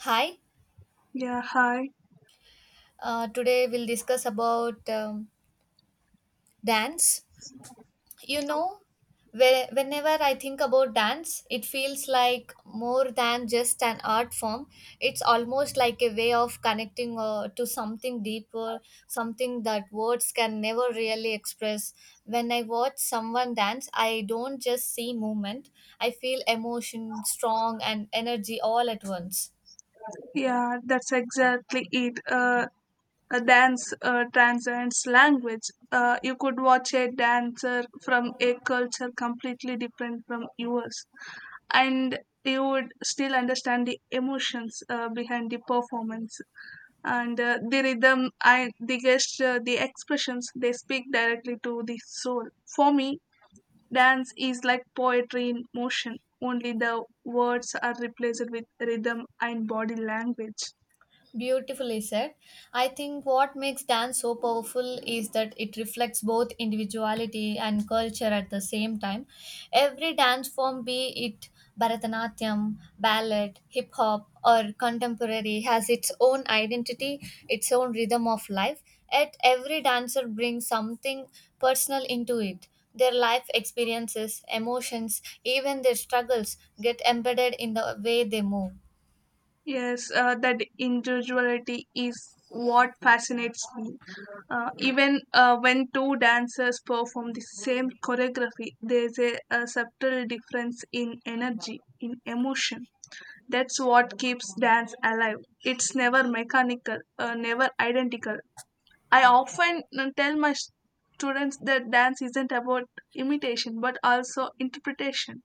Hi. Yeah, hi. Today we'll discuss about dance. You know, whenever I think about dance, it feels like more than just an art form. It's almost like a way of connecting to something deeper, something that words can never really express. When I watch someone dance, I don't just see movement, I feel emotion, strong, and energy all at once. Yeah, that's exactly it. A dance transcends language. You could watch a dancer from a culture completely different from yours, and you would still understand the emotions behind the performance and the rhythm and the gesture, the expressions. They speak directly to the soul. For me, dance is like poetry in motion, only the words are replaced with rhythm and body language. Beautifully said. I think what makes dance so powerful is that it reflects both individuality and culture at the same time. Every dance form, be it Bharatanatyam, ballet, hip hop, or contemporary, has its own identity, its own rhythm of life. Yet every dancer brings something personal into it. Their life experiences, emotions, even their struggles get embedded in the way they move. Yes, that individuality is what fascinates me. Even when two dancers perform the same choreography, there's a subtle difference in energy, in emotion. That's what keeps dance alive. It's never mechanical, never identical. I often tell my students that dance isn't about imitation but also interpretation.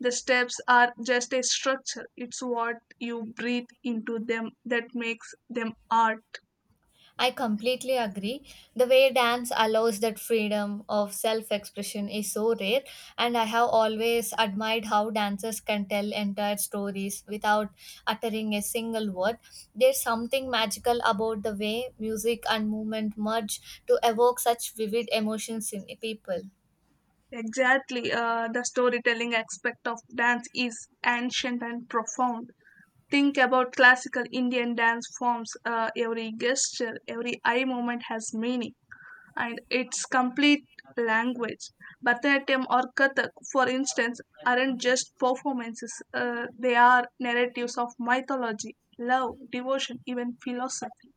The steps are just a structure, it's what you breathe into them that makes them art. I completely agree. The way dance allows that freedom of self expression is so rare, and I have always admired how dancers can tell entire stories without uttering a single word. There's something magical about the way music and movement merge to evoke such vivid emotions in people. Exactly, the storytelling aspect of dance is ancient and profound. Think about classical Indian dance forms. Every gesture, every eye movement has meaning, and its complete language. Bharatanatyam or Kathak, for instance, aren't just performances, they are narratives of mythology, love, devotion, even philosophy.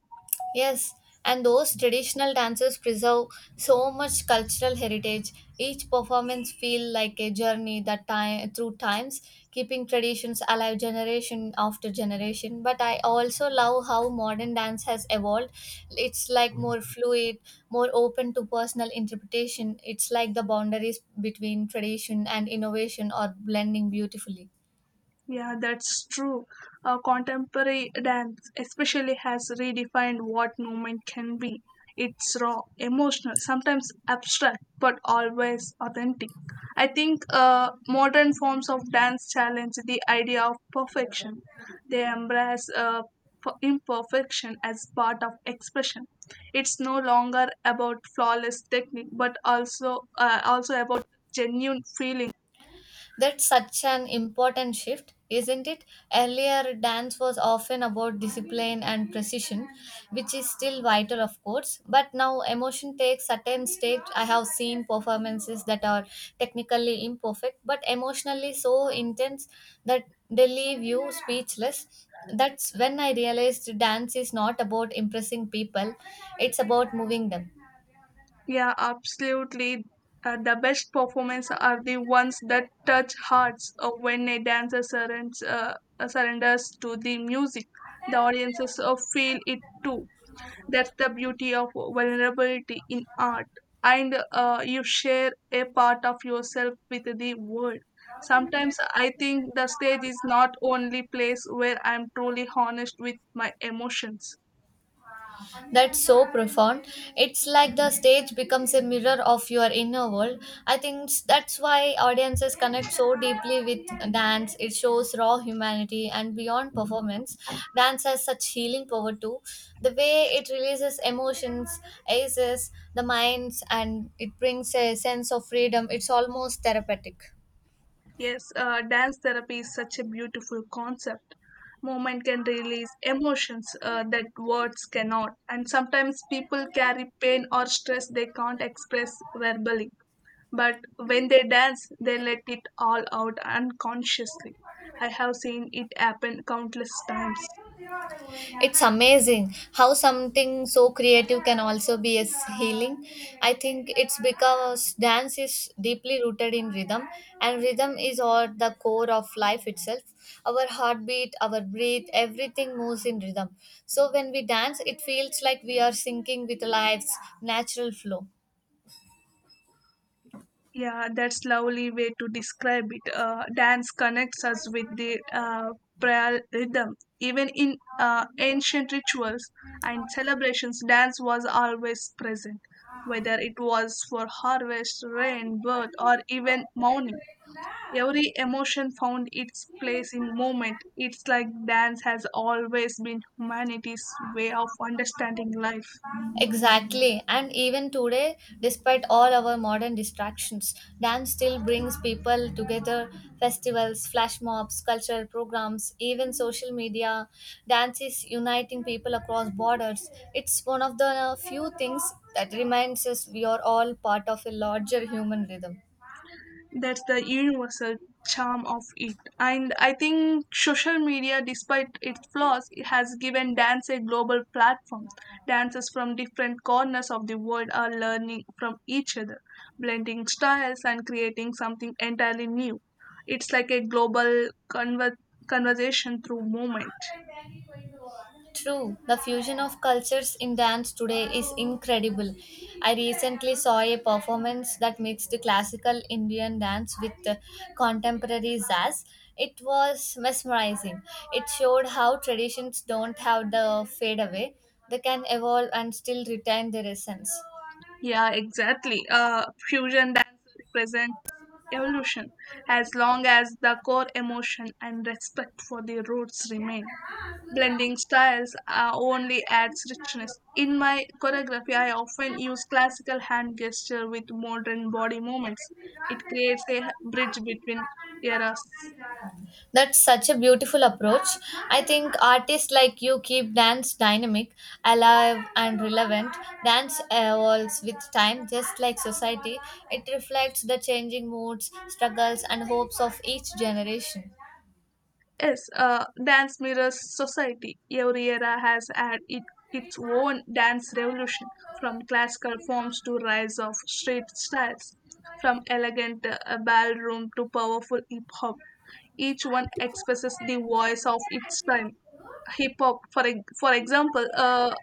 Yes, and those traditional dances preserve so much cultural heritage. Each performance feel like a journey that time through times, keeping traditions alive generation after generation. But I also love how modern dance has evolved. It's like more fluid, more open to personal interpretation. It's like the boundaries between tradition and innovation are blending beautifully. Yeah, that's true. Contemporary dance especially has redefined what movement can be. It's raw, emotional, sometimes abstract, but always authentic. I think modern forms of dance challenge the idea of perfection. They embrace imperfection as part of expression. It's no longer about flawless technique, but also about genuine feeling. That's such an important shift, isn't it? Earlier, dance was often about discipline and precision, which is still vital, of course. But now, emotion takes certain stakes. I have seen performances that are technically imperfect, but emotionally so intense that they leave you speechless. That's when I realized dance is not about impressing people, it's about moving them. Yeah, absolutely. The best performance are the ones that touch hearts when a dancer surrenders to the music. The audiences feel it too. That's the beauty of vulnerability in art. And you share a part of yourself with the world. Sometimes I think the stage is not only place where I'm truly honest with my emotions. That's so profound. It's like the stage becomes a mirror of your inner world. I think that's why audiences connect so deeply with dance. It shows raw humanity and beyond performance. Dance has such healing power too. The way it releases emotions, aces, the minds, and it brings a sense of freedom. It's almost therapeutic. Yes, dance therapy is such a beautiful concept. Movement can release emotions that words cannot, and sometimes people carry pain or stress they can't express verbally. But when they dance, they let it all out unconsciously. I have seen it happen countless times. It's amazing how something so creative can also be as healing. I think it's because dance is deeply rooted in rhythm, and rhythm is at the core of life itself. Our heartbeat, our breath, everything moves in rhythm. So when we dance, it feels like we are syncing with life's natural flow. Yeah, that's lovely way to describe it. Dance connects us with the prior rhythm. Even in ancient rituals and celebrations, dance was always present, whether it was for harvest, rain, birth, or even mourning. Every emotion found its place in movement. It's like dance has always been humanity's way of understanding life. Exactly. And even today, despite all our modern distractions, dance still brings people together. Festivals, flash mobs, cultural programs, even social media. Dance is uniting people across borders. It's one of the few things that reminds us we are all part of a larger human rhythm. That's the universal charm of it, and I think social media, despite its flaws, it has given dance a global platform. Dancers from different corners of the world are learning from each other, blending styles and creating something entirely new. It's like a global conversation through movement. True, the fusion of cultures in dance today is incredible. I recently saw a performance that mixed classical Indian dance with contemporary jazz. It was mesmerizing. It showed how traditions don't have the fade away, they can evolve and still retain their essence. Yeah, exactly, fusion dance represents evolution. As long as the core emotion and respect for the roots remain, blending styles only adds richness. In my choreography, I often use classical hand gesture with modern body movements. It creates a bridge between eras. That's such a beautiful approach. I think artists like you keep dance dynamic, alive, and relevant. Dance evolves with time, just like society. It reflects the changing moods, struggles, and hopes of each generation. Yes, dance mirrors society. Every era has had it, its own dance revolution, from classical forms to rise of street styles, from elegant ballroom to powerful hip hop. Each one expresses the voice of its time. Hip hop, for example,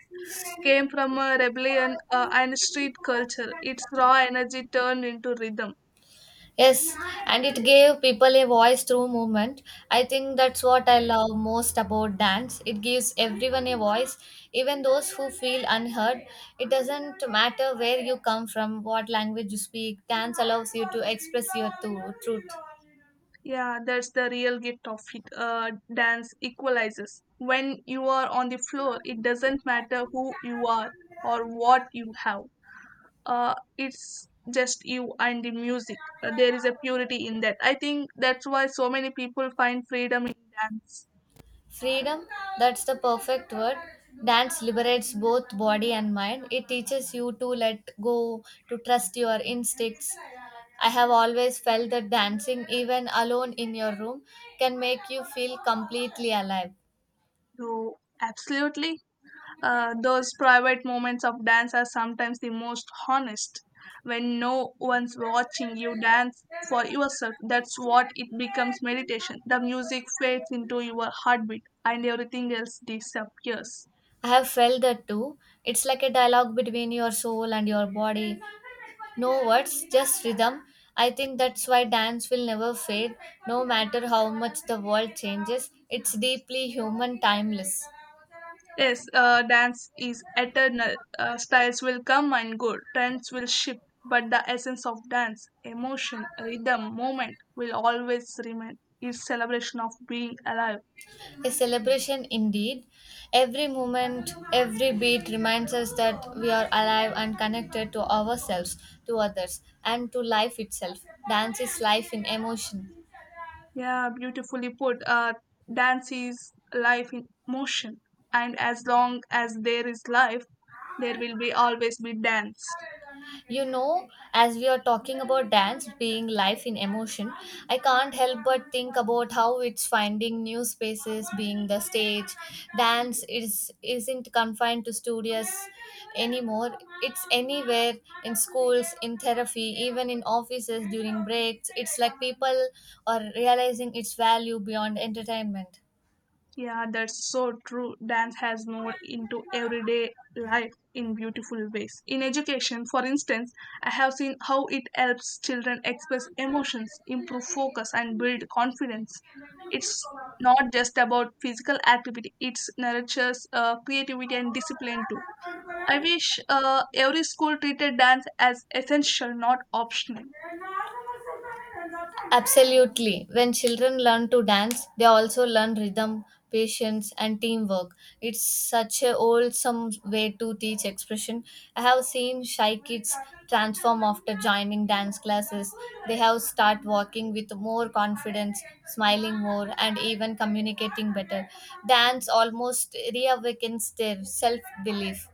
came from a rebellion and street culture. Its raw energy turned into rhythm. Yes, and it gave people a voice through movement. I think that's what I love most about dance. It gives everyone a voice, even those who feel unheard. It doesn't matter where you come from, what language you speak, dance allows you to express your truth. Yeah, that's the real gift of it. Dance equalizes. When you are on the floor, it doesn't matter who you are or what you have. It's just you and the music. There is a purity in that. I think that's why so many people find freedom in dance. Freedom, that's the perfect word. Dance liberates both body and mind. It teaches you to let go, to trust your instincts. I have always felt that dancing, even alone in your room, can make you feel completely alive. So, absolutely. Those private moments of dance are sometimes the most honest. When no one's watching, you dance for yourself. That's what it becomes meditation. The music fades into your heartbeat and everything else disappears. I have felt that too. It's like a dialogue between your soul and your body. No words, just rhythm. I think that's why dance will never fade, no matter how much the world changes. It's deeply human, timeless. Yes, dance is eternal. Styles will come and go, trends will shift, but the essence of dance, emotion, rhythm, moment will always remain. It's celebration of being alive. A celebration indeed. Every moment, every beat reminds us that we are alive and connected to ourselves, to others, and to life itself. Dance is life in emotion. Yeah, beautifully put. Dance is life in motion, and as long as there is life, there will be always be dance. You know, as we are talking about dance being life in emotion, I can't help but think about how it's finding new spaces being the stage. Dance is isn't confined to studios anymore. It's anywhere in schools, in therapy, even in offices during breaks. It's like people are realizing its value beyond entertainment. Yeah, that's so true. Dance has moved into everyday life in beautiful ways. In education, for instance, I have seen how it helps children express emotions, improve focus, and build confidence. It's not just about physical activity, it nurtures creativity and discipline too. I wish every school treated dance as essential, not optional. Absolutely. When children learn to dance, they also learn rhythm, patience, and teamwork. It's such a wholesome way to teach expression. I have seen shy kids transform after joining dance classes. They have start walking with more confidence, smiling more, and even communicating better. Dance almost reawakens their self belief.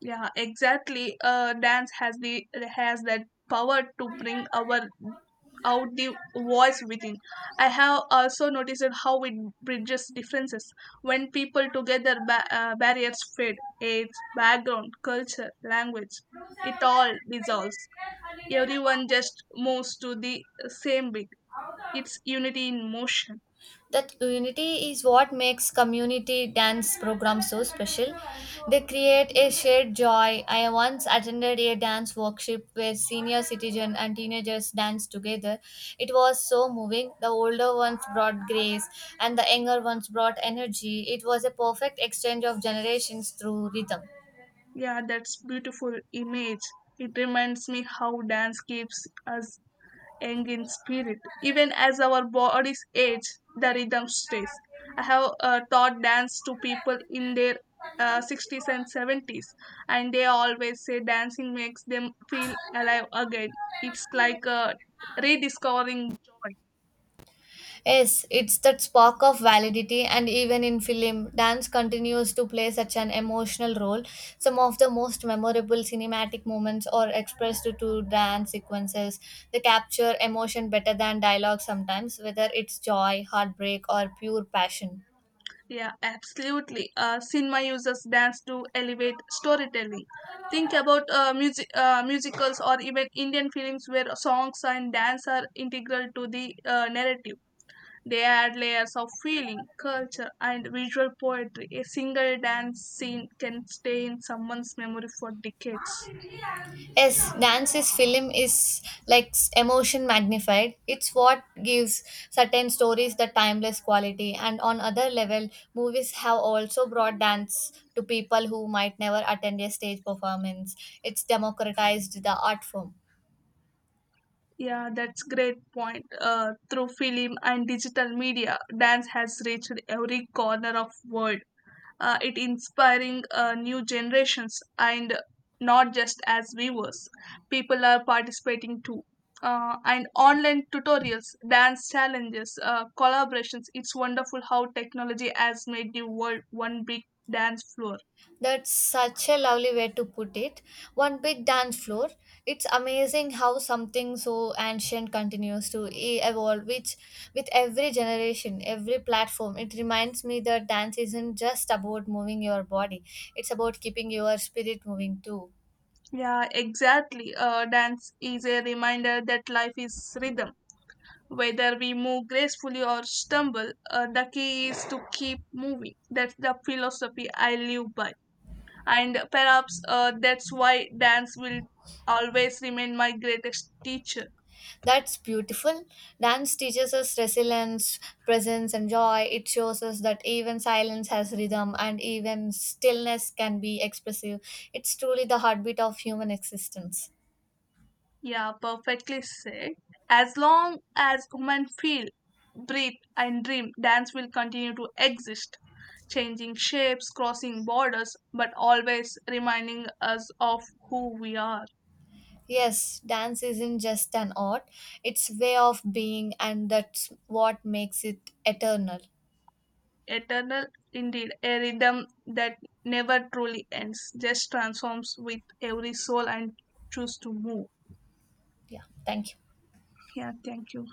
Yeah, exactly. Dance has that power to bring our out the voice within. I have also noticed how it bridges differences. When people together barriers fade, age, background, culture, language. It all dissolves. Everyone just moves to the same beat. It's unity in motion. That unity is what makes community dance programs so special. They create a shared joy. I once attended a dance workshop where senior citizens and teenagers danced together. It was so moving. The older ones brought grace and the younger ones brought energy. It was a perfect exchange of generations through rhythm. Yeah, that's beautiful image. It reminds me how dance keeps us young in spirit. Even as our bodies age, the rhythm stays. I have taught dance to people in their 60s and 70s, and they always say dancing makes them feel alive again. It's like rediscovering joy. Yes, it's that spark of validity, and even in film, dance continues to play such an emotional role. Some of the most memorable cinematic moments are expressed through dance sequences. They capture emotion better than dialogue sometimes, whether it's joy, heartbreak, or pure passion. Yeah, absolutely. Cinema uses dance to elevate storytelling. Think about musicals or even Indian films where songs and dance are integral to the narrative. They add layers of feeling, culture, and visual poetry. A single dance scene can stay in someone's memory for decades. Yes, dance's film is like emotion magnified. It's what gives certain stories the timeless quality. And on other level, movies have also brought dance to people who might never attend a stage performance. It's democratized the art form. Yeah, that's great point. Through film and digital media, dance has reached every corner of world. It inspiring new generations, and not just as viewers, people are participating too. And online tutorials, dance challenges, collaborations, it's wonderful how technology has made the world one big dance floor. That's such a lovely way to put it. One big dance floor. It's amazing how something so ancient continues to evolve, which with every generation, every platform, it reminds me that dance isn't just about moving your body, it's about keeping your spirit moving too. Yeah, exactly, dance is a reminder that life is rhythm. Whether we move gracefully or stumble, the key is to keep moving. That's the philosophy I live by. And perhaps that's why dance will always remain my greatest teacher. That's beautiful. Dance teaches us resilience, presence, and joy. It shows us that even silence has rhythm and even stillness can be expressive. It's truly the heartbeat of human existence. Yeah, perfectly said. As long as women feel, breathe, and dream, dance will continue to exist, changing shapes, crossing borders, but always reminding us of who we are. Yes, dance isn't just an art, it's way of being and that's what makes it eternal. Eternal, indeed, a rhythm that never truly ends, just transforms with every soul and choose to move. Yeah, thank you. Yeah, thank you.